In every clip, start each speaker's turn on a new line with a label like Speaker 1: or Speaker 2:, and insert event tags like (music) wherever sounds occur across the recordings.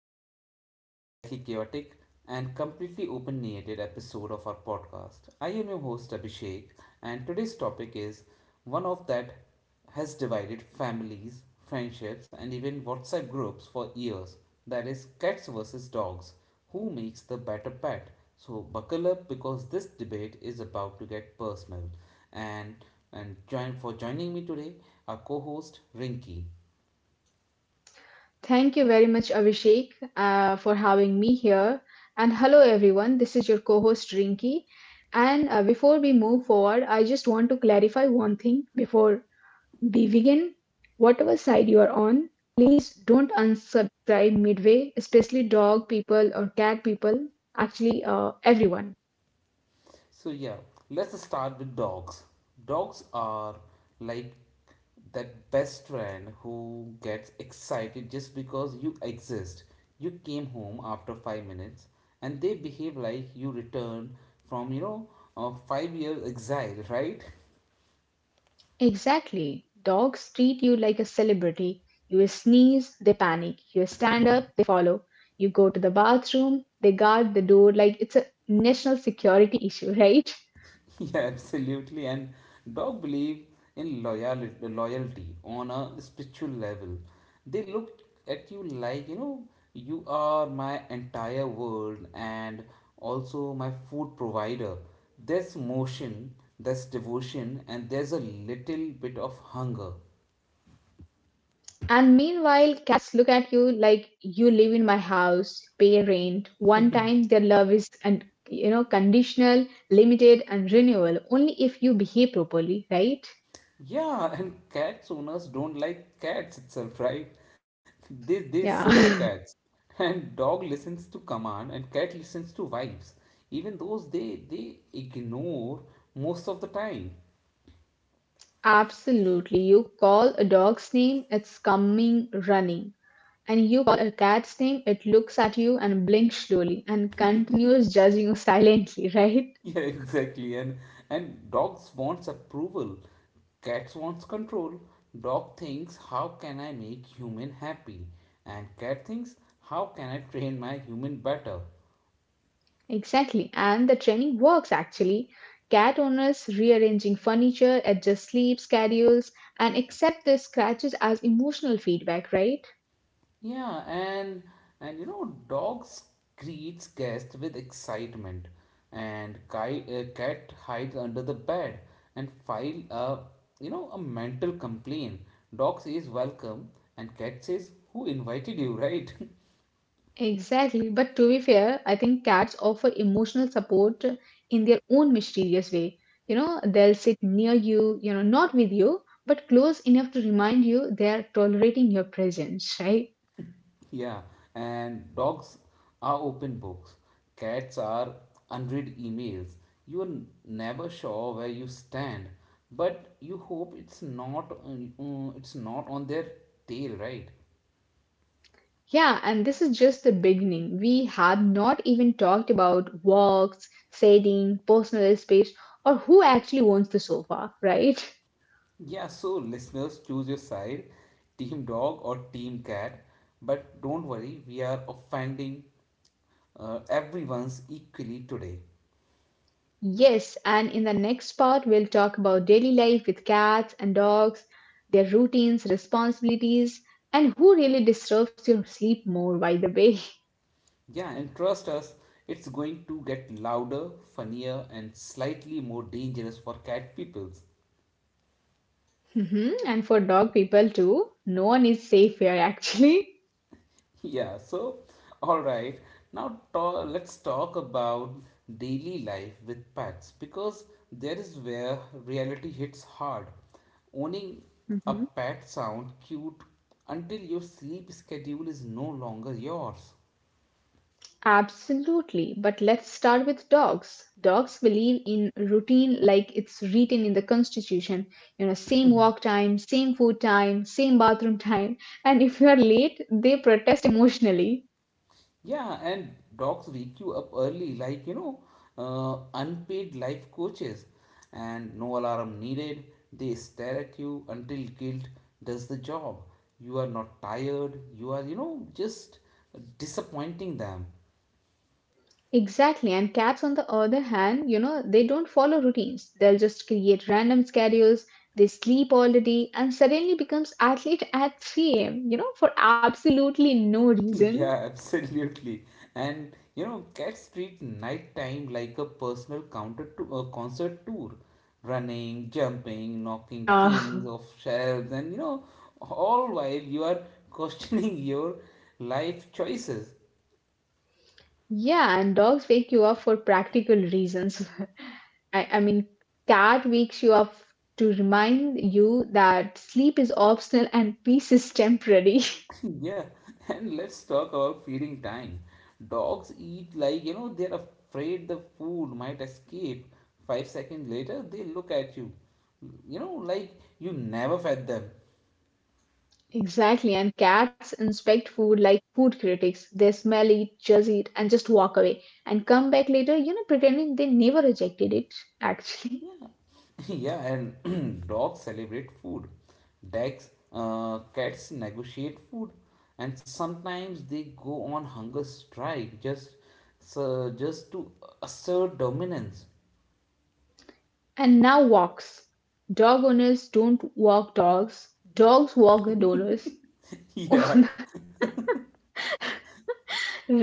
Speaker 1: fun, slightly chaotic, and completely open ended episode of our podcast. I am your host Abhishek, and today's topic is one of that has divided families, friendships, and even WhatsApp groups for years that is, cats versus dogs. Who makes the better pet? So, buckle up because this debate is about to get personal. And and joining me today, our co-host Rinky.
Speaker 2: Thank you very much, Abhishek, for having me here. And hello, everyone. This is your co host, Rinki. And before we move forward, I just want to clarify one thing before we begin. Whatever side you are on, please don't unsubscribe midway, especially dog people or cat people, actually, everyone.
Speaker 1: So yeah, let's start with dogs. Dogs are like that best friend who gets excited just because you exist. You came home after 5 minutes and they behave like you returned from 5 years exile, right? (laughs)
Speaker 2: Exactly. Dogs treat you like a celebrity. You sneeze, they panic. You stand up, they follow. You go to the bathroom, they guard the door like it's a national security issue, (laughs) right?
Speaker 1: (laughs) Yeah, absolutely. And dog believe in loyalty, loyalty on a spiritual level. They look at you like, you are my entire world and also my food provider. There's motion, there's devotion, and there's a little bit of hunger.
Speaker 2: And meanwhile, cats look at you like you live in my house, pay rent. One time, their love is and conditional, limited, and renewal only if you behave properly, right?
Speaker 1: Yeah, and cats owners don't like cats itself, right? They serve cats.
Speaker 2: Yeah. (laughs)
Speaker 1: And dog listens to command and cat listens to vibes. Even those they ignore most of the time.
Speaker 2: Absolutely. You call a dog's name, it's coming running. And you call a cat's name, it looks at you and blinks slowly and continues judging you silently, (laughs) right?
Speaker 1: Yeah, (laughs) exactly. And dogs wants approval. Cats wants control. Dog thinks how can I make human happy? And cat thinks how can I train my human better?
Speaker 2: Exactly. And the training works actually. Cat owners rearranging furniture, adjust sleep schedules, and accept the scratches as emotional feedback, right?
Speaker 1: Yeah, and dogs greets guests with excitement, and cat hides under the bed and file a a mental complaint. Dog says welcome, and cat says who invited you, right?
Speaker 2: Exactly. But to be fair, I think cats offer emotional support in their own mysterious way. They'll sit near you, not with you, but close enough to remind you they are tolerating your presence, (laughs) right?
Speaker 1: (laughs) Yeah, and dogs are open books. Cats are unread emails. Never sure where you stand, but you hope it's not on their tail, right?
Speaker 2: Yeah, and this is just the beginning. We have not even talked about walks, setting, personal space, or who actually owns the sofa, right? (laughs)
Speaker 1: Yeah, so listeners, choose your side, team dog or team cat. But don't worry, we are offending everyone's equally today.
Speaker 2: Yes, and in the next part, we'll talk about daily life with cats and dogs, their routines, responsibilities, and who really disturbs your sleep more, by the way.
Speaker 1: Yeah, and trust us, it's going to get louder, funnier, and slightly more dangerous for cat people.
Speaker 2: (laughs) Mhm, and for dog people too, no one is safe here actually.
Speaker 1: (laughs) Yeah, so all right, now let's talk about daily life with pets because there is where reality hits hard. Owning
Speaker 2: (laughs)
Speaker 1: a
Speaker 2: Mhm.
Speaker 1: pet sound cute until your sleep schedule is no longer yours.
Speaker 2: Absolutely. But let's start with dogs. Dogs believe in routine like it's written in the constitution. You know, same walk time, same food time, same bathroom time. And if you are late, they protest emotionally.
Speaker 1: Yeah, and dogs wake you up early, like unpaid life coaches, and no alarm needed. They stare at you until guilt does the job. You are not tired, you are, just disappointing them.
Speaker 2: Exactly. And cats, on the other hand, you know, they don't follow routines. They'll just create random schedules. They sleep all the day and suddenly becomes athlete at 3 a.m., you know, for absolutely no
Speaker 1: (laughs)
Speaker 2: reason.
Speaker 1: Yeah, absolutely. And cats treat nighttime like a personal counter to a concert tour, running, jumping, knocking
Speaker 2: Yeah.
Speaker 1: things
Speaker 2: (laughs)
Speaker 1: off shelves, and all while you are questioning (laughs) your life choices.
Speaker 2: Yeah, and dogs wake you up for practical reasons. (laughs) I mean, cat wakes you up to remind you that sleep is optional and peace is temporary. (laughs)
Speaker 1: (laughs) Yeah, and let's talk about feeding time. Dogs eat like they're afraid the food might escape. 5 seconds later, they look at you, like you never fed them.
Speaker 2: Exactly, and cats inspect food like food critics. They smell it, judge it, and just walk away and come back later, you know, pretending they never rejected it, actually.
Speaker 1: Yeah, (laughs) yeah, and (clears throat) dogs celebrate food. Cats negotiate food, and sometimes they go on hunger strike just to assert dominance.
Speaker 2: (laughs) And now walks. Dog owners don't walk dogs, dogs walk the owners.
Speaker 1: (laughs) Yeah,
Speaker 2: (laughs)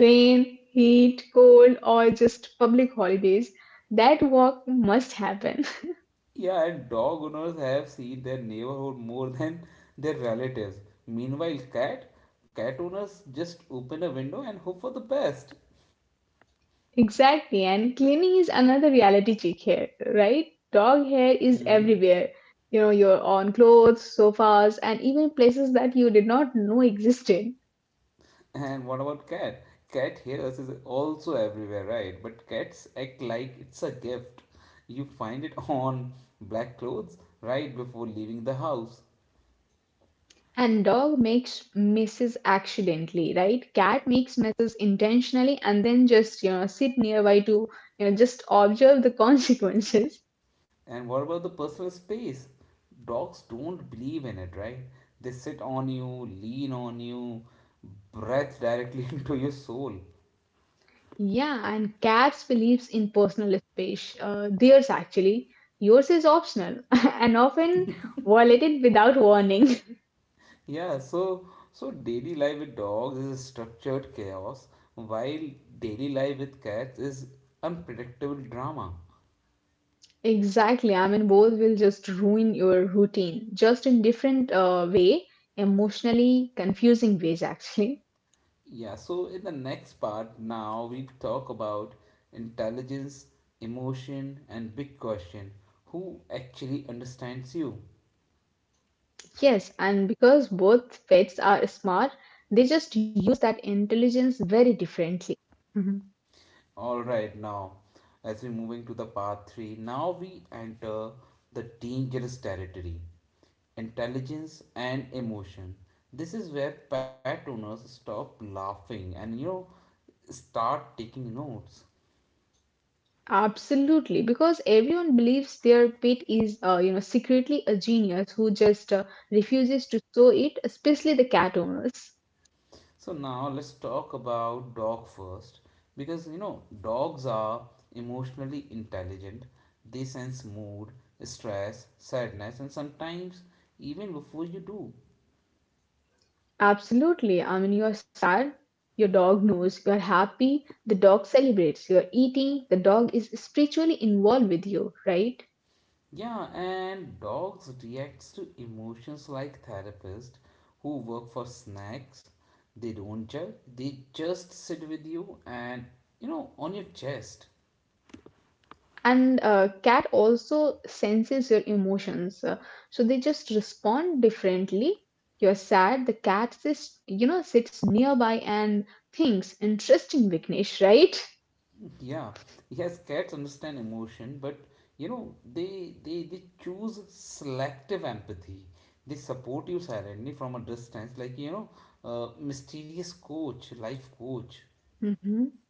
Speaker 2: Rain, heat, cold, or just public holidays, that walk must happen.
Speaker 1: yeah, and dog owners have seen their neighborhood more than their relatives. Meanwhile, cat owners just open a window and hope for the best.
Speaker 2: (laughs) Exactly, and cleaning is another reality check here, right? Dog hair is
Speaker 1: Hmm.
Speaker 2: everywhere. You know, your on clothes, sofas, and even places that you did not know existed.
Speaker 1: And what about cat? Cat hairs is also everywhere, right? But cats act like it's a gift. You find it (laughs) on black clothes right before leaving the house.
Speaker 2: And dog makes messes accidentally, right? Cat makes messes intentionally and then just, you know, sit nearby to, you know, just observe the (laughs) consequences.
Speaker 1: And what about the personal space? Dogs don't believe in it, right? They sit on you, lean on you, breathe directly (laughs) into your soul.
Speaker 2: Yeah, and cats believes in personal space. Theirs actually. Yours is optional (laughs) and often violated without warning. (laughs)
Speaker 1: Yeah, so daily life with dogs is a structured chaos, while daily life with cats is unpredictable drama.
Speaker 2: Exactly. I mean, both will just ruin your routine, just in different way, emotionally confusing ways actually.
Speaker 1: Yeah, so in the next part, now we talk about intelligence, emotion, and big question who actually understands you?
Speaker 2: (laughs) Yes, and because both pets are smart, they just use that intelligence very differently. (laughs)
Speaker 1: Alright, now as we're moving to the part 3, now we enter the dangerous territory intelligence and emotion. This is where pet owners stop laughing and start taking notes.
Speaker 2: Absolutely, because everyone believes their pet is, you know, secretly a genius who just refuses to show it, especially the cat owners.
Speaker 1: So now let's talk about dog first because dogs are emotionally intelligent. They sense mood, stress, sadness and sometimes even before you do.
Speaker 2: Absolutely. I mean, you're sad, your dog knows. You're happy, the dog celebrates. You're eating, the dog is spiritually involved with you, right?
Speaker 1: Yeah, and dogs reacts to emotions like therapists who work for snacks. They don't judge. They just sit with you and on your chest.
Speaker 2: And cat also senses your emotions so they just respond differently. You're sad, the cat sits you know sits nearby and thinks interesting vignesh, right?
Speaker 1: Yeah, yes, cats understand emotion, but they choose selective empathy. They support you silently from a distance, like mysterious coach, life coach.
Speaker 2: hmm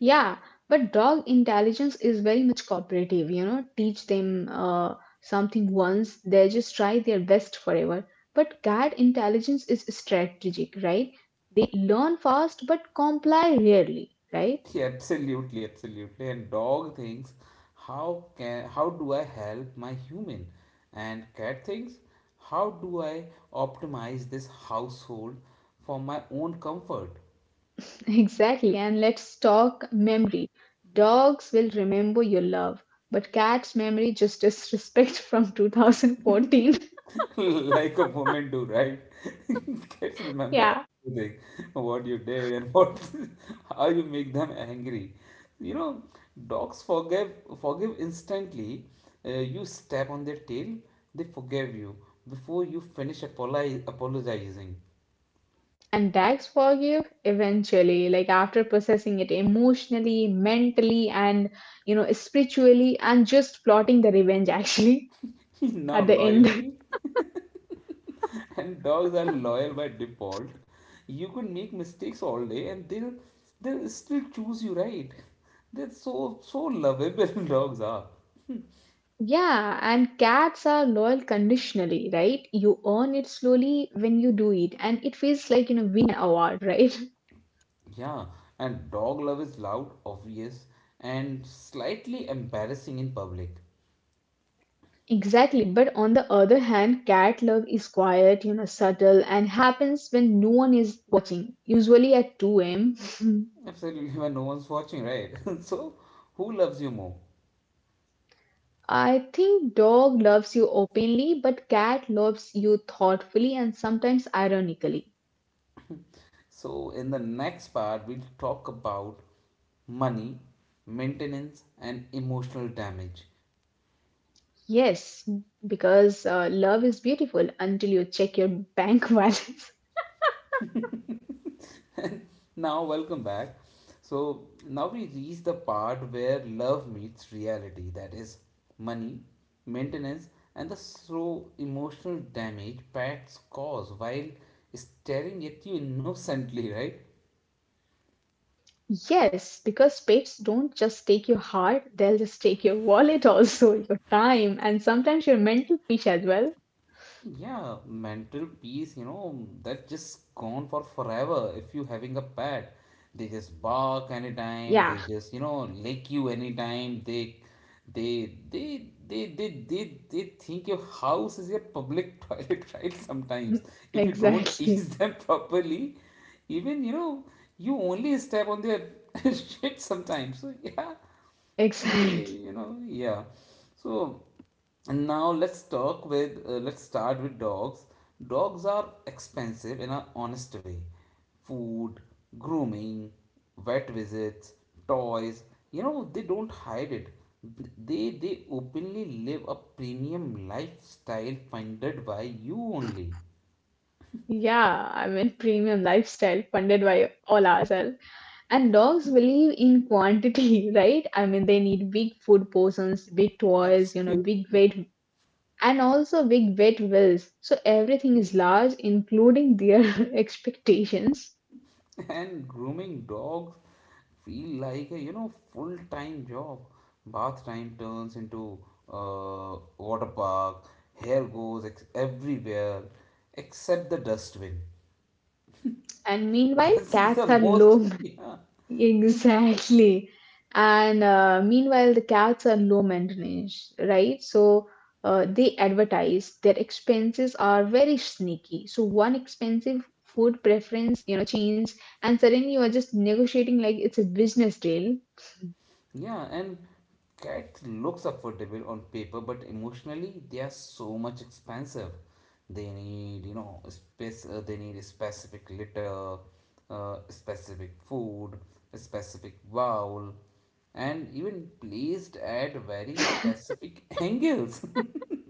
Speaker 2: yeah, but dog intelligence is very much cooperative. You know, teach them something once, they just try their best forever. But cat intelligence is strategic, right? They learn fast but comply rarely, right?
Speaker 1: (laughs) Yeah, absolutely, absolutely. And dog thinks, how do I help my human? And cat thinks, how do I optimize this household for my own comfort?
Speaker 2: Exactly. And let's talk memory. Dogs will remember your love, but cats' memory just disrespect from 2014.
Speaker 1: (laughs) like a woman do, right? (laughs) Kids
Speaker 2: (laughs)
Speaker 1: remember
Speaker 2: Yeah.
Speaker 1: everything, what you did and what (laughs) how you make them angry. You know, dogs forgive instantly. Uh, you step on their tail, they forgive you before you finish apologizing.
Speaker 2: And dogs forgive eventually, like after processing it emotionally, mentally, and you know, spiritually, and just plotting the revenge actually
Speaker 1: (laughs)
Speaker 2: (laughs)
Speaker 1: Now
Speaker 2: at the end.
Speaker 1: loyalty and dogs are loyal by default. You could make mistakes all day and they'll still choose you, right? That's so lovable (laughs) dogs are.
Speaker 2: Yeah, and cats are loyal conditionally, right? You earn it slowly when you do it, and it feels like, you know, winning an award, right?
Speaker 1: Yeah, and dog love is loud, obvious, and slightly embarrassing in public.
Speaker 2: Exactly, but on the other hand, cat love is quiet, you know, subtle, and happens when no one is watching, usually at 2 am.
Speaker 1: Absolutely, when no one's watching, right? (laughs) So, who loves you more?
Speaker 2: (laughs) Think dog loves you openly, but cat loves you thoughtfully and sometimes ironically.
Speaker 1: So, in the next part, we'll talk about money, maintenance, and emotional damage.
Speaker 2: Yes, because love is beautiful until you check your bank (laughs) balance.
Speaker 1: (laughs) Now, welcome back. So, now we reach the part where love meets reality that is, money, maintenance, and the slow emotional damage pets cause while staring at you innocently, (laughs) right?
Speaker 2: Yes, because pets don't just take your heart, they'll just take your wallet (laughs) also, your time, and sometimes your mental peace as well.
Speaker 1: Yeah, mental peace, that's just gone for forever. If you having a pet, they just bark anytime, they just,
Speaker 2: Yeah,
Speaker 1: lick you anytime, they think your house is your public (laughs) toilet, right? Sometimes. If you
Speaker 2: (laughs)
Speaker 1: don't (laughs) tease them
Speaker 2: exactly.
Speaker 1: properly, even, you only step on their (laughs) shit sometimes. So yeah so they you
Speaker 2: Exactly.
Speaker 1: know yeah so and Now let's start with dogs. Dogs are expensive in an honest way: food, grooming, vet visits, toys, they don't hide it. They openly live a premium lifestyle funded by you only.
Speaker 2: Yeah, I mean, premium lifestyle funded by all ourselves. And dogs believe in quantity, (laughs) right? I mean, they need big food portions, big toys, you know, big
Speaker 1: Absolutely.
Speaker 2: weight, and also big wet wills. So everything is large, including their (laughs) expectations.
Speaker 1: (laughs) And grooming dogs feel like a full-time job. Bath time turns into water park, hair goes everywhere except the dustbin.
Speaker 2: And
Speaker 1: (laughs)
Speaker 2: meanwhile,
Speaker 1: This is the
Speaker 2: cats are
Speaker 1: most
Speaker 2: low.
Speaker 1: (laughs) yeah.
Speaker 2: Exactly. And meanwhile, the cats are low maintenance, right? So they advertise their expenses are very sneaky. So one expensive food preference, you know, change, and suddenly you are just negotiating like it's a business deal.
Speaker 1: Yeah, and cat looks affordable on paper, but emotionally they are so much expensive. They need, space. They need specific litter, specific food, specific bowl, and even placed at very specific (laughs) angles. (laughs)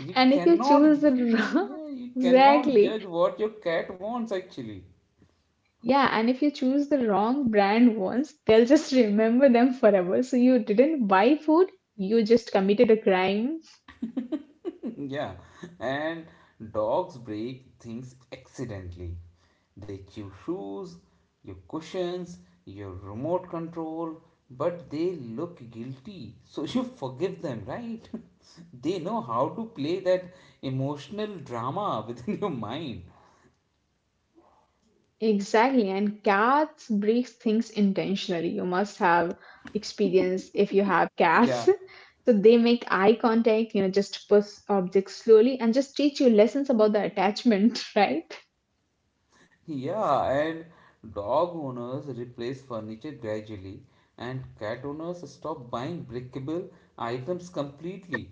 Speaker 1: You
Speaker 2: And if you choose
Speaker 1: cannot,
Speaker 2: the wrong,
Speaker 1: Yeah, you
Speaker 2: (laughs)
Speaker 1: cannot
Speaker 2: exactly.
Speaker 1: judge what your cat wants actually.
Speaker 2: Yeah, and if you choose the wrong brand once, they'll just remember them forever. So you didn't buy food, you just committed a crime.
Speaker 1: (laughs) Yeah, and dogs break things accidentally. They chew shoes, your cushions, your remote control, but they look guilty, so you (laughs) forgive them, right? (laughs) They know how to play that emotional drama (laughs) within your mind.
Speaker 2: Exactly, and cats break things intentionally. You must have experience if you have cats.
Speaker 1: Yeah,
Speaker 2: (laughs) So they make eye contact, you know, just push objects slowly and just teach you lessons about the attachment, (laughs) right?
Speaker 1: yeah, and dog owners replace furniture gradually, and cat owners stop buying breakable items completely.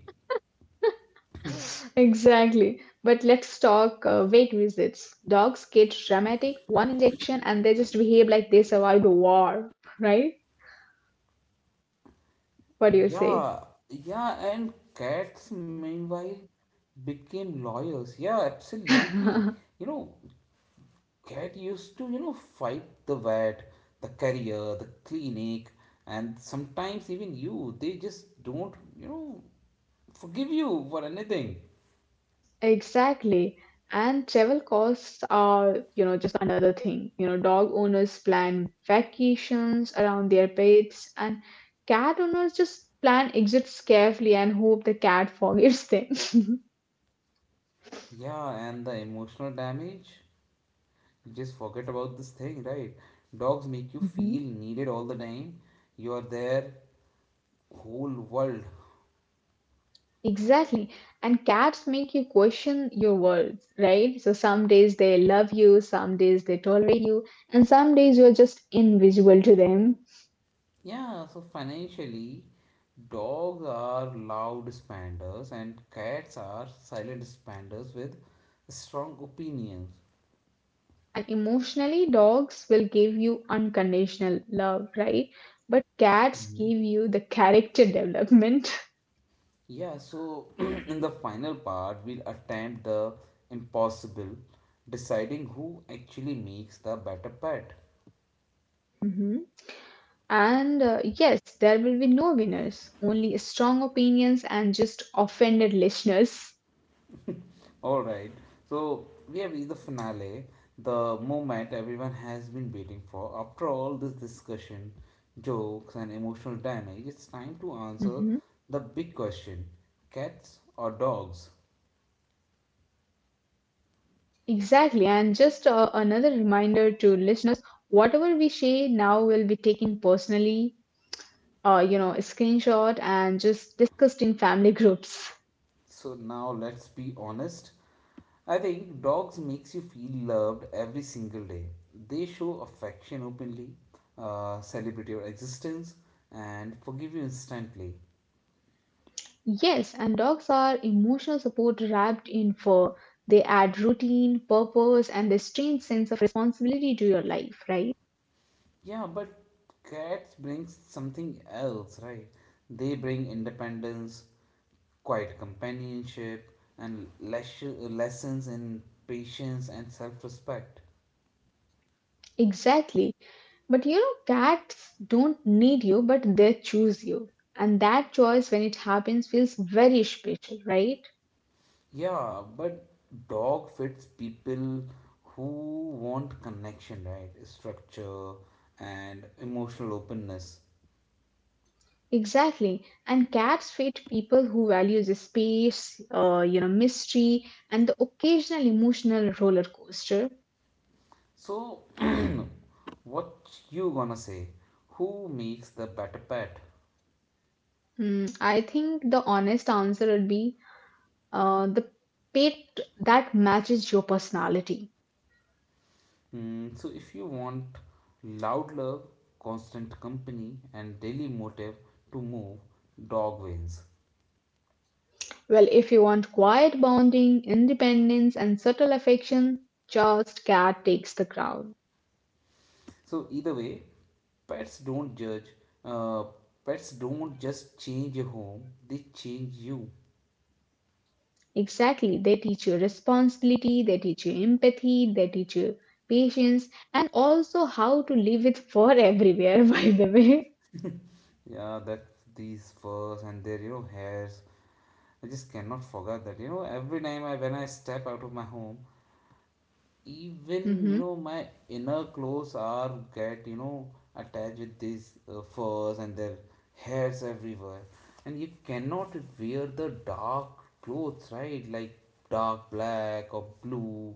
Speaker 2: (laughs) Exactly. But let's talk vet visits. Dogs get dramatic, one injection, and they just behave like they survived the war, right?
Speaker 1: Yeah,
Speaker 2: What do you say?
Speaker 1: yeah, and cats meanwhile became lawyers. Yeah, absolutely. You know,
Speaker 2: (laughs)
Speaker 1: cat used to, fight the vet, the carrier, the clinic, and sometimes even you. They just don't, forgive you for anything.
Speaker 2: Exactly. And travel costs are, you know, just another thing. You know, dog owners plan vacations around their pets, and cat owners just plan exits carefully and hope the cat forgives them. (laughs)
Speaker 1: Yeah, and the emotional damage. You just forget about this thing, right? Dogs make you
Speaker 2: Mhm.
Speaker 1: feel needed all the time. You are their whole world.
Speaker 2: Exactly. And cats make you question your worth, right? So some days they love you, some days they tolerate you, and some days you're just invisible to them.
Speaker 1: Yeah, so financially, dogs are loud spenders and cats are silent spenders with strong opinions.
Speaker 2: And emotionally, dogs will give you unconditional love, right? But cats
Speaker 1: Mhm.
Speaker 2: give you the character development. (laughs)
Speaker 1: Yeah, so (clears throat) in the final part, we'll attempt the impossible, deciding who actually makes the better pet.
Speaker 2: Mhm. And yes, there will be no winners, only strong opinions and just offended listeners.
Speaker 1: All right. So we have reached the finale, the moment everyone has been waiting for. After all this discussion, jokes, and emotional damage, it's time to answer
Speaker 2: Mhm.
Speaker 1: the big question cats or dogs?
Speaker 2: Exactly. And just another reminder to listeners, whatever we say now will be taken personally, you know, a screenshot and just discussed in family groups.
Speaker 1: So now let's be honest. I think dogs makes you feel loved every single day. They show affection openly, celebrate your existence, and forgive you instantly.
Speaker 2: Yes, and dogs are emotional support wrapped in fur. They add routine, purpose, and a strange sense of responsibility to your life, right?
Speaker 1: Yeah, but cats brings something else, right? They bring independence, quiet companionship, and lessons in patience and self-respect.
Speaker 2: Exactly. But you know, cats don't need you, but they choose you. And that choice, when it happens, feels very special, right?
Speaker 1: Yeah, but dog fits people who want connection, right? Structure and emotional openness.
Speaker 2: Exactly. And cats fit people who value the space, you know, mystery, and the occasional emotional roller coaster.
Speaker 1: So, (clears throat) what you gonna say? Who makes the better pet?
Speaker 2: Hmm, I think the honest answer would be the pet that matches your personality.
Speaker 1: Mm, so if you want loud love, constant company, and daily motive to move, dog wins.
Speaker 2: Well, if you want quiet bonding, independence, and subtle affection, just cat takes the crown.
Speaker 1: So either way, pets don't judge. Uh, Pets don't just change your home; they change you.
Speaker 2: Exactly, they teach you responsibility, they teach you empathy, they teach you patience, and also how to live with fur everywhere, (laughs) by the way.
Speaker 1: Yeah, that these furs and their hairs. I just cannot forget that. You know, every time I step out of my home, even
Speaker 2: Mm-hmm,
Speaker 1: my inner clothes are get attached with these furs and their hairs everywhere and you cannot wear the dark clothes right like dark black or blue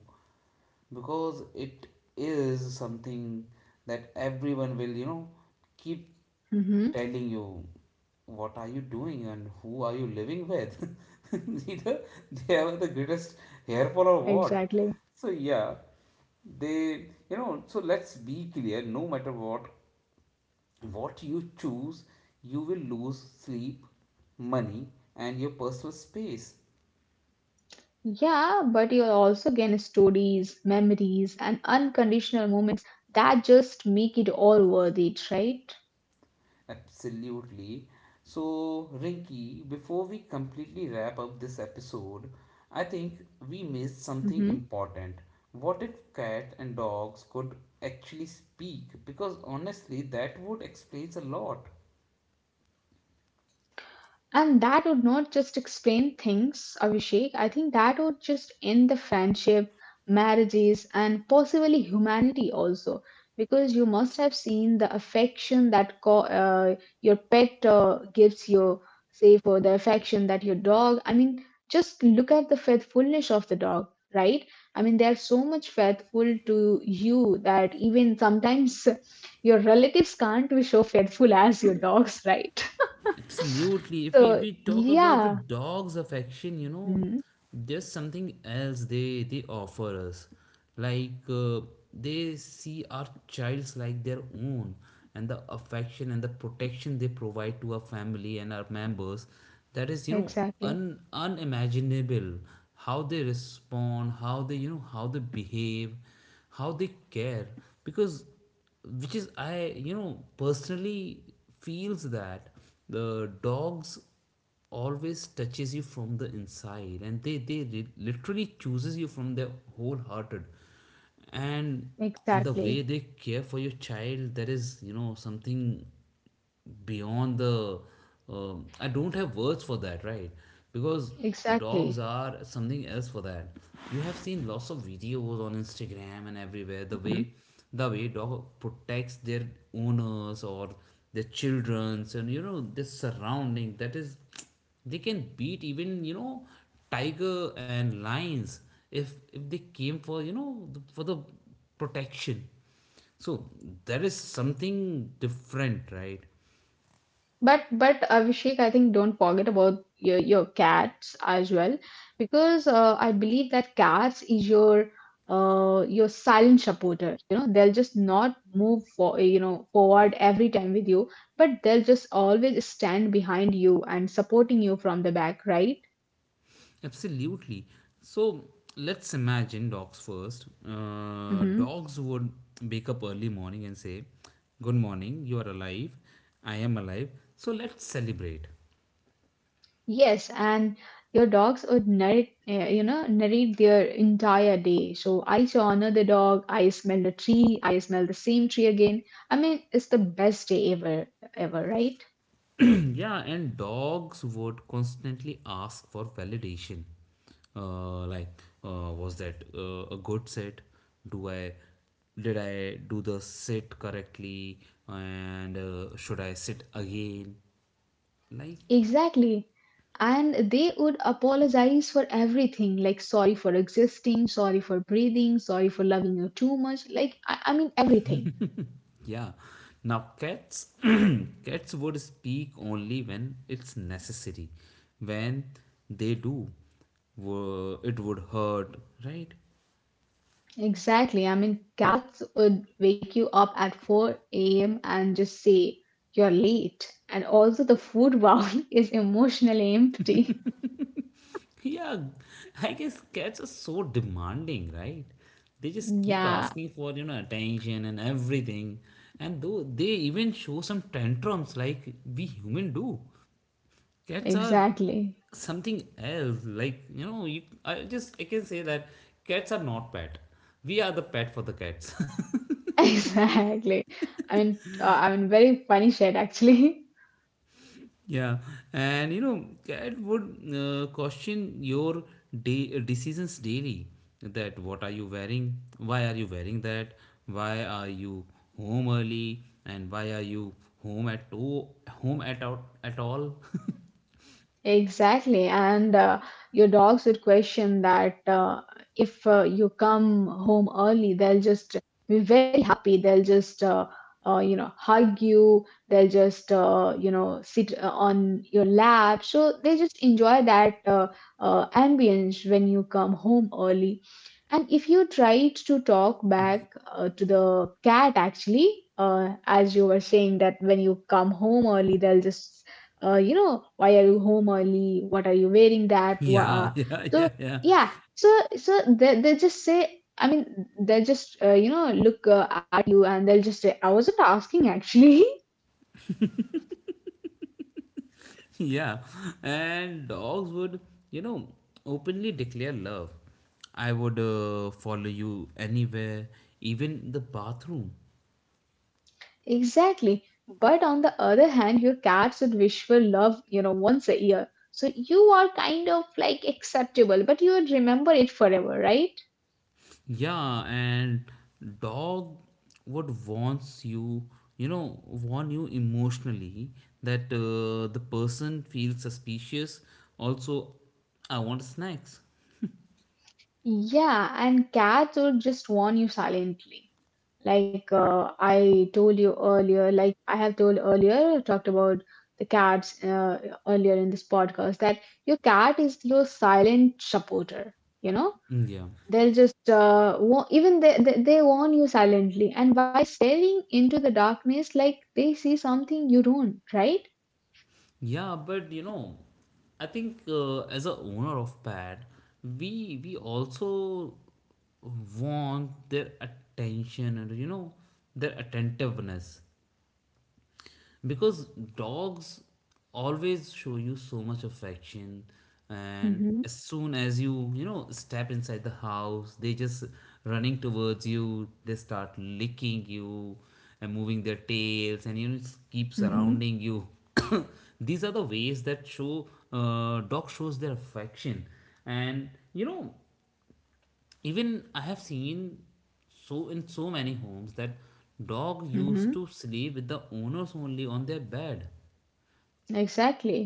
Speaker 1: because it is something that everyone will keep
Speaker 2: mm-hmm,
Speaker 1: telling you what are you doing and who are you living with (laughs) either they have the greatest hairfall or what.
Speaker 2: exactly.
Speaker 1: So yeah, they you know so let's be clear, no matter what you choose, you will lose sleep, money, and your personal space.
Speaker 2: Yeah, but you'll also gain stories, memories, and unconditional moments that just make it all worth it, right?
Speaker 1: Absolutely. So, Rinky, before we completely wrap up this episode, I think we missed something
Speaker 2: Mm-hmm.
Speaker 1: important. What if cats and dogs could actually speak? Because honestly, that would explain a lot.
Speaker 2: And that would not just explain things, Abhishek. I think that would just end the friendship, marriages, and possibly humanity also. Because you must have seen the affection that your pet gives you, say, for the affection that your dog. I mean, just look at the faithfulness of the dog, right? I mean, they are so much faithful to you that even sometimes (laughs) your relatives can't be so faithful as your dogs, right? (laughs)
Speaker 1: Absolutely. If we,
Speaker 2: So
Speaker 1: we talk about the
Speaker 2: yeah,
Speaker 1: dog's affection, you know,
Speaker 2: mm,
Speaker 1: there's something else they offer us. Like uh, they see our childs like their own, and the affection and the protection they provide to our family and our members, that is, you know,
Speaker 2: exactly,
Speaker 1: un unimaginable. How they respond, how they, you know, how they behave, how they care, because which is I you know personally feels that the dogs always touches you from the inside and they literally chooses you from their wholehearted and and the way
Speaker 2: exactly,
Speaker 1: they care for your child, that is, you know, something beyond the I don't have words for that, right? Because dogs
Speaker 2: exactly.
Speaker 1: are something else for that. You have seen lots of videos on Instagram and everywhere,
Speaker 2: Mhm.
Speaker 1: the way dog protects their owners or their childrens and, you know, their surrounding. That is, they can beat even, you know, tiger and lions if they came for, you know, the, for the protection. So there is something different, right?
Speaker 2: But Abhishek, I think don't forget about your cats as well, because I believe that cats is your silent supporter. You know, they'll just not move for forward every time with you, but they'll just always stand behind you and supporting you from the back, right?
Speaker 1: Absolutely. So let's imagine dogs first.
Speaker 2: hmm
Speaker 1: Dogs would wake up early morning and say, Good morning, you are alive, I am alive, so let's celebrate.
Speaker 2: Yes, and your dogs would narrate, you know, narrate their entire day. So I saw another dog, I smelled a tree, I smelled the same tree again. I mean, it's the best day ever, right?
Speaker 1: Yeah, and dogs would constantly ask for validation. Uh, like, was that a good sit? Do I Did I do the sit correctly? And should I sit again? Like,
Speaker 2: Exactly. And they would apologize for everything, like sorry for existing, sorry for breathing, sorry for loving you too much, like I mean everything.
Speaker 1: yeah. Now cats, (clears throat) cats would speak only when it's necessary. When they do, it would hurt, right?
Speaker 2: Exactly. I mean, cats would wake you up at 4 a.m. and just say, you're late. And also, the food bowl (laughs) is emotionally empty.
Speaker 1: (laughs) Yeah, I guess cats are so demanding, right? They just keep
Speaker 2: Yeah,
Speaker 1: asking for, you know, attention and everything. And though they even show some tantrums like we human do. Cats are
Speaker 2: exactly. (laughs)
Speaker 1: something else. Like, you know, you I just I can say that cats are not pet. We are the pet for the cats.
Speaker 2: Exactly. I mean, very funny shit, actually. (laughs)
Speaker 1: Yeah, and you know, that would question your day, decisions daily. That what are you wearing? Why are you wearing that? Why are you home early? And why are you home at to, home at out at all?
Speaker 2: Exactly, and your dogs would question that if you come home early, they'll just be very happy. They'll just hug you. They'll just sit on your lap. So they just enjoy that ambience when you come home early. And if you tried to talk back to the cat, actually, as you were saying that when you come home early, they'll just why are you home early? What are you wearing
Speaker 1: (laughs)
Speaker 2: that?
Speaker 1: yeah, yeah, yeah,
Speaker 2: So,
Speaker 1: yeah,
Speaker 2: yeah, so they just say, I mean, they just, look at you, and they'll just say, I wasn't asking actually. (laughs)
Speaker 1: yeah. And dogs would, you know, openly declare love. I would follow you anywhere, even the bathroom.
Speaker 2: Exactly. But on the other hand, your cats would wish for love, once a year. So you are kind of like acceptable, but you would remember it forever, right?
Speaker 1: Yeah, and dog what wants you, you know, warn you emotionally that the person feels suspicious. Also, I want snacks.
Speaker 2: Yeah, and cats would just warn you silently. Like I told you earlier, like I have told earlier, talked about the cats earlier in this podcast, that your cat is your silent supporter. You know,
Speaker 1: Mm, yeah.
Speaker 2: they'll just even they warn you silently, and by staring into the darkness, like they see something you don't, right?
Speaker 1: Yeah, but you know, I think as a owner of pet, we also want their attention and, you know, their attentiveness, because dogs always show you so much affection, and
Speaker 2: Mm-hmm.
Speaker 1: as soon as you, you know, step inside the house, they just running towards you, they start licking you and moving their tails and, you know, keep
Speaker 2: Mm-hmm.
Speaker 1: surrounding you. (coughs) These are the ways that show dog shows their affection. And you know, even I have seen so in so many homes that dog
Speaker 2: Mm-hmm.
Speaker 1: used to sleep with the owners only on their bed.
Speaker 2: Exactly.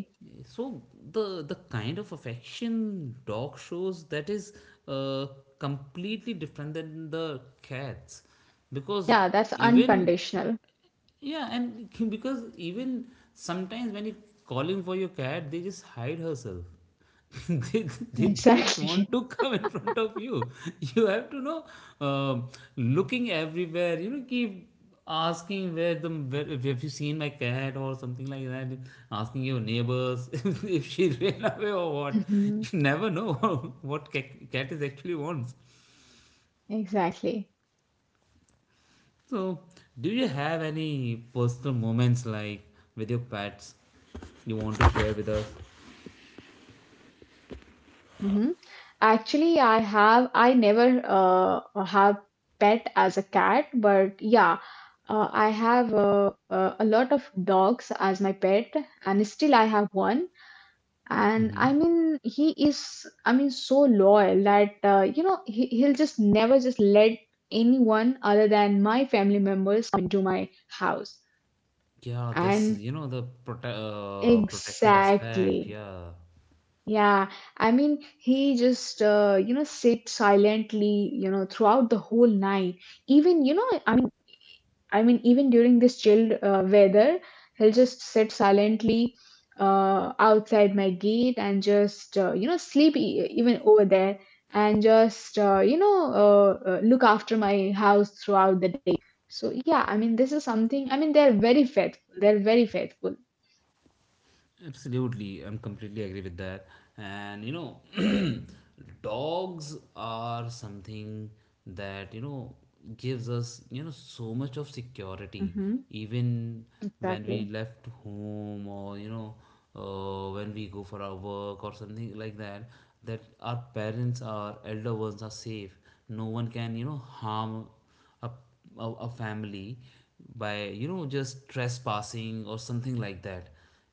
Speaker 1: So the kind of affection dog shows, that is uh, completely different than the cats, because
Speaker 2: Yeah, that's
Speaker 1: even
Speaker 2: unconditional.
Speaker 1: yeah, and (laughs) because even sometimes when you calling for your cat, they just hide herself. (laughs) they,
Speaker 2: (laughs)
Speaker 1: they didn't
Speaker 2: Exactly.
Speaker 1: want to come in front of you. (laughs) You have to know, um looking everywhere, you know, keep asking where the where, if have you seen my cat or something like that, asking your neighbors. (laughs) If she ran away or what.
Speaker 2: Hmm.
Speaker 1: You never know (laughs) what cat is actually wants.
Speaker 2: Exactly.
Speaker 1: So, do you have any personal moments like with your pets you want to share with us?
Speaker 2: Mm-hmm. Actually, I never have pet as a cat, but yeah, I have a lot of dogs as my pet, and still I have one. And I mean, he is, I mean, so loyal that he'll just never just let anyone other than my family members come into my house.
Speaker 1: Yeah, this
Speaker 2: And
Speaker 1: you know the prote- Protective aspect.
Speaker 2: exactly.
Speaker 1: Yeah.
Speaker 2: Yeah, I mean, he just, sit silently, throughout the whole night. Even, I mean, even during this chilled weather, he'll just sit silently outside my gate and just, sleep e even over there and just, look after my house throughout the day. So, yeah, I mean, this is something, I mean, they're very faithful. They're very faithful.
Speaker 1: Absolutely, I'm completely agree with that. And you know, (clears throat) dogs are something that, you know, gives us, you know, so much of security,
Speaker 2: Mm-hmm.
Speaker 1: even when
Speaker 2: Exactly.
Speaker 1: we left home or, you know, when we go for our work or something like that. That our parents, our elder ones are safe. No one can, you know, harm a, a family by, you know, just trespassing or something like that.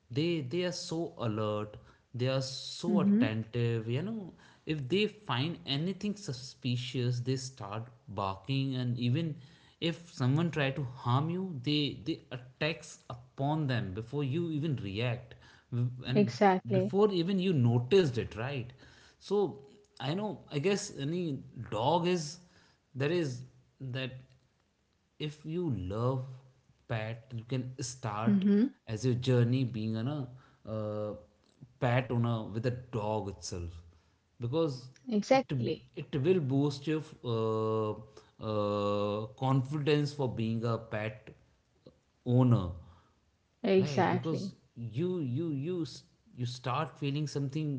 Speaker 1: They are so alert, they are so
Speaker 2: Mm-hmm.
Speaker 1: attentive, you know, if they find anything suspicious, they start barking. And even if someone try to harm you, they attacks upon them before you even react, and
Speaker 2: Exactly.
Speaker 1: before even you noticed it, right? So I know I guess any dog is there is that if you love pet, you can start
Speaker 2: Mm-hmm.
Speaker 1: as your journey being on a uh, pet owner with a dog itself, because it
Speaker 2: Exactly.
Speaker 1: it will boost your uh, confidence for being a pet owner, right? Because
Speaker 2: Exactly,
Speaker 1: you start feeling something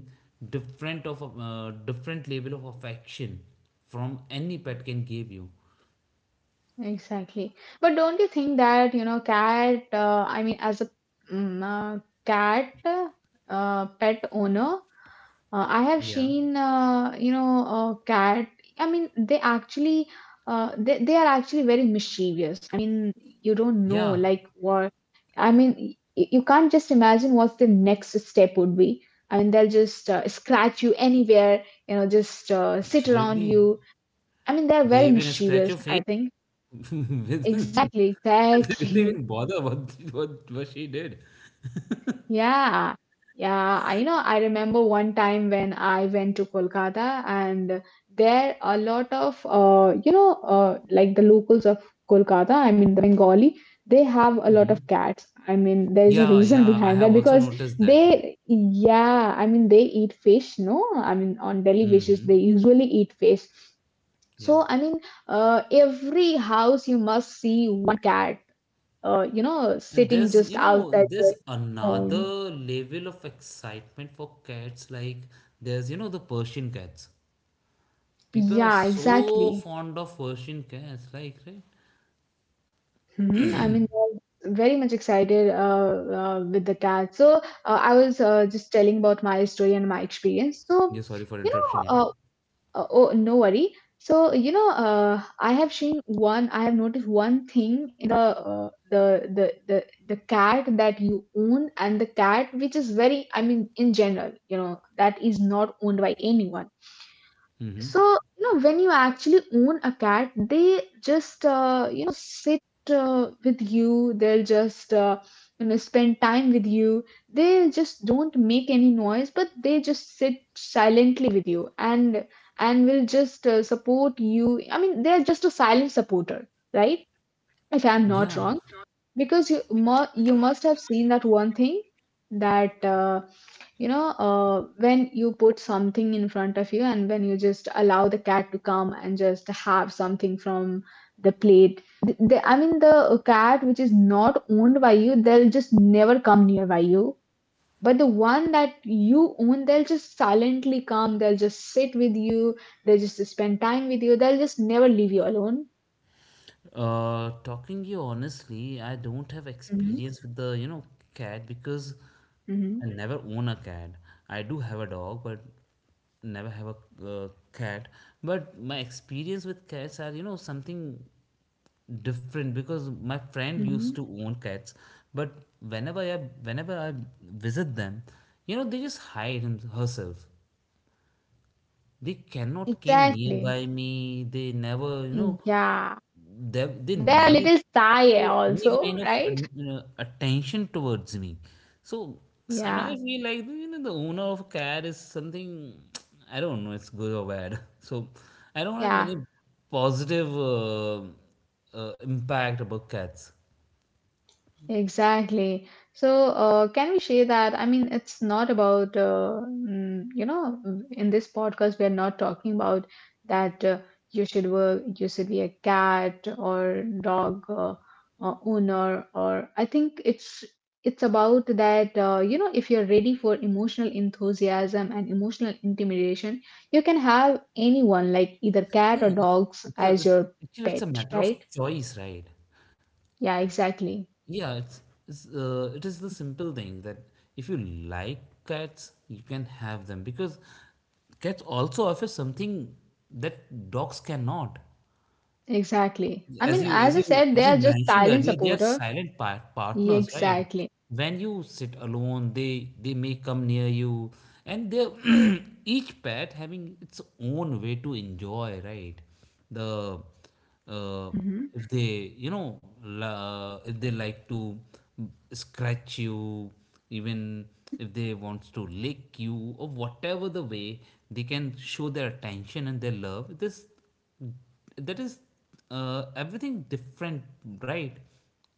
Speaker 1: different of a different level of affection from any pet can give you.
Speaker 2: exactly. But don't you think that, cat, I mean, as a cat pet owner, I have
Speaker 1: Yeah,
Speaker 2: seen, cat, I mean, they actually, they are actually very mischievous. I mean, you don't know,
Speaker 1: yeah,
Speaker 2: like, what, I mean, you can't just imagine what the next step would be. I mean, they'll just scratch you anywhere, just sit around
Speaker 1: absolutely.
Speaker 2: you. I mean, they're
Speaker 1: They
Speaker 2: very
Speaker 1: even scratch
Speaker 2: mischievous,
Speaker 1: your face
Speaker 2: I think.
Speaker 1: (laughs) with (laughs)
Speaker 2: Exactly,
Speaker 1: they didn't even
Speaker 2: exactly. (laughs)
Speaker 1: bother what what she did.
Speaker 2: Yeah. Yeah, I know. I remember one time when I went to Kolkata, and there a lot of like the locals of Kolkata, I mean the Bengali, they have a lot of cats. I mean, there is a
Speaker 1: Yeah,
Speaker 2: reason (laughs)
Speaker 1: yeah, I
Speaker 2: behind
Speaker 1: have
Speaker 2: that
Speaker 1: also
Speaker 2: because
Speaker 1: noticed that. Yeah.
Speaker 2: they yeah, I mean, they eat fish, no? I mean, on daily basis
Speaker 1: Mm-hmm.
Speaker 2: they usually eat fish.
Speaker 1: Yeah.
Speaker 2: So I mean every house you must see one cat
Speaker 1: And there's,
Speaker 2: sitting
Speaker 1: you
Speaker 2: just
Speaker 1: know,
Speaker 2: outside
Speaker 1: there's
Speaker 2: your home.
Speaker 1: another level of excitement for cats. Like there's, you know, the Persian cats. People are
Speaker 2: Yeah,
Speaker 1: so
Speaker 2: exactly.
Speaker 1: fond of Persian cats, like, right?
Speaker 2: Hmm. I mean, I'm very much excited with the cat. So I was just telling about my story and my experience. So,
Speaker 1: Yeah, sorry for
Speaker 2: you know,
Speaker 1: interruption, yeah.
Speaker 2: uh, oh, no worry. So, I have noticed one thing in the cat that you own, and the cat which is very, I mean, in general, that is not owned by anyone. So, you know, when you actually own a cat, they just, sit with you. They'll just, spend time with you. They just don't make any noise, but they just sit silently with you, and will just support you. I mean, they're just a silent supporter, right? If I'm
Speaker 1: Yeah.
Speaker 2: not wrong, because you must have seen that one thing that when you put something in front of you and when you just allow the cat to come and just have something from the plate. I mean, the cat which is not owned by you, they'll just never come nearby you. But the one that you own, they'll just silently come. They'll just sit with you. They'll just spend time with you. They'll just never leave you alone.
Speaker 1: Talking you honestly, I don't have
Speaker 2: Hmm.
Speaker 1: experience with the, you know, cat, because
Speaker 2: Hmm.
Speaker 1: I never own a cat. I do have a dog, but never have a cat. But my experience with cats are, you know, something different because my friend used
Speaker 2: Hmm.
Speaker 1: to own cats, but whenever I visit them, you know, they just hide herself. They cannot came
Speaker 2: Exactly.
Speaker 1: nearby me. They never, you know,
Speaker 2: Yeah.
Speaker 1: they
Speaker 2: They're a
Speaker 1: never
Speaker 2: little shy
Speaker 1: show any
Speaker 2: also,
Speaker 1: kind of
Speaker 2: right?
Speaker 1: attention towards me. So sometimes
Speaker 2: Yeah.
Speaker 1: I feel like, you know, the owner of a car is something, (tsk) I don't know. It's good or bad. (laughs) So I don't have
Speaker 2: Yeah.
Speaker 1: any positive impact about cats.
Speaker 2: Exactly. So, can we say that? I mean, it's not about, in this podcast, we are not talking about that you should work, you should be a cat or dog owner, or I think it's about that, if you're ready for emotional enthusiasm and emotional intimidation, you can have anyone, like either cat
Speaker 1: Yeah,
Speaker 2: or dogs, as
Speaker 1: it's
Speaker 2: your
Speaker 1: actually it's
Speaker 2: pet,
Speaker 1: a matter of
Speaker 2: right?
Speaker 1: choice, right?
Speaker 2: Yeah, exactly.
Speaker 1: Yeah, it is the simple thing that if you like cats, you can have them because cats also offer something that dogs cannot.
Speaker 2: Exactly. I
Speaker 1: as
Speaker 2: mean,
Speaker 1: you
Speaker 2: as
Speaker 1: as
Speaker 2: I
Speaker 1: you
Speaker 2: said, they
Speaker 1: as you
Speaker 2: are just
Speaker 1: mentioned
Speaker 2: silent
Speaker 1: earlier, they are
Speaker 2: supporter.
Speaker 1: silent
Speaker 2: Yeah,
Speaker 1: partners, right?
Speaker 2: exactly.
Speaker 1: When you sit alone, they may come near you, and they (clears throat) each pet having its own way to enjoy, right? The uh,
Speaker 2: Hmm.
Speaker 1: if they, you know, if they like to scratch you, even
Speaker 2: Hmm.
Speaker 1: if they wants to lick you, or whatever the way they can show their attention and their love, this that is everything different, right?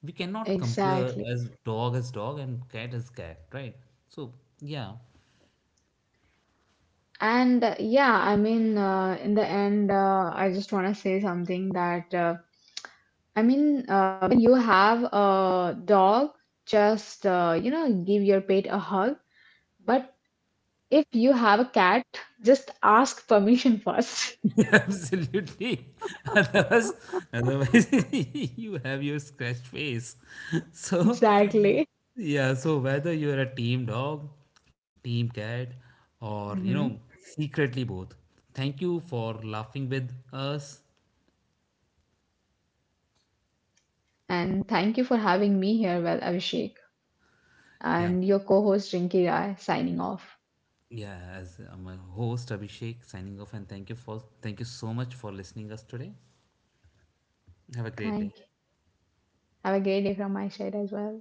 Speaker 1: We cannot compare
Speaker 2: Exactly.
Speaker 1: as dog and cat as cat, right? So yeah.
Speaker 2: And yeah, I mean, in the end, I just want to say something that I mean, when you have a dog, just give your pet a hug. But if you have a cat, just ask permission first. (laughs)
Speaker 1: (laughs) Absolutely. (laughs) otherwise Otherwise (laughs) you have your scratched face. (laughs) So
Speaker 2: Exactly.
Speaker 1: yeah, so whether you're a team dog, team cat, or, you know,
Speaker 2: Hmm.
Speaker 1: secretly both, thank you for laughing with us.
Speaker 2: And thank you for having me here, well, Abhishek.
Speaker 1: Yeah.
Speaker 2: And your co host Rinki Rai signing off.
Speaker 1: Yeah, as I'm a host Abhishek signing off, and thank you so much for listening us today. Have a great day.
Speaker 2: Thank you. Have a great day from my side as well.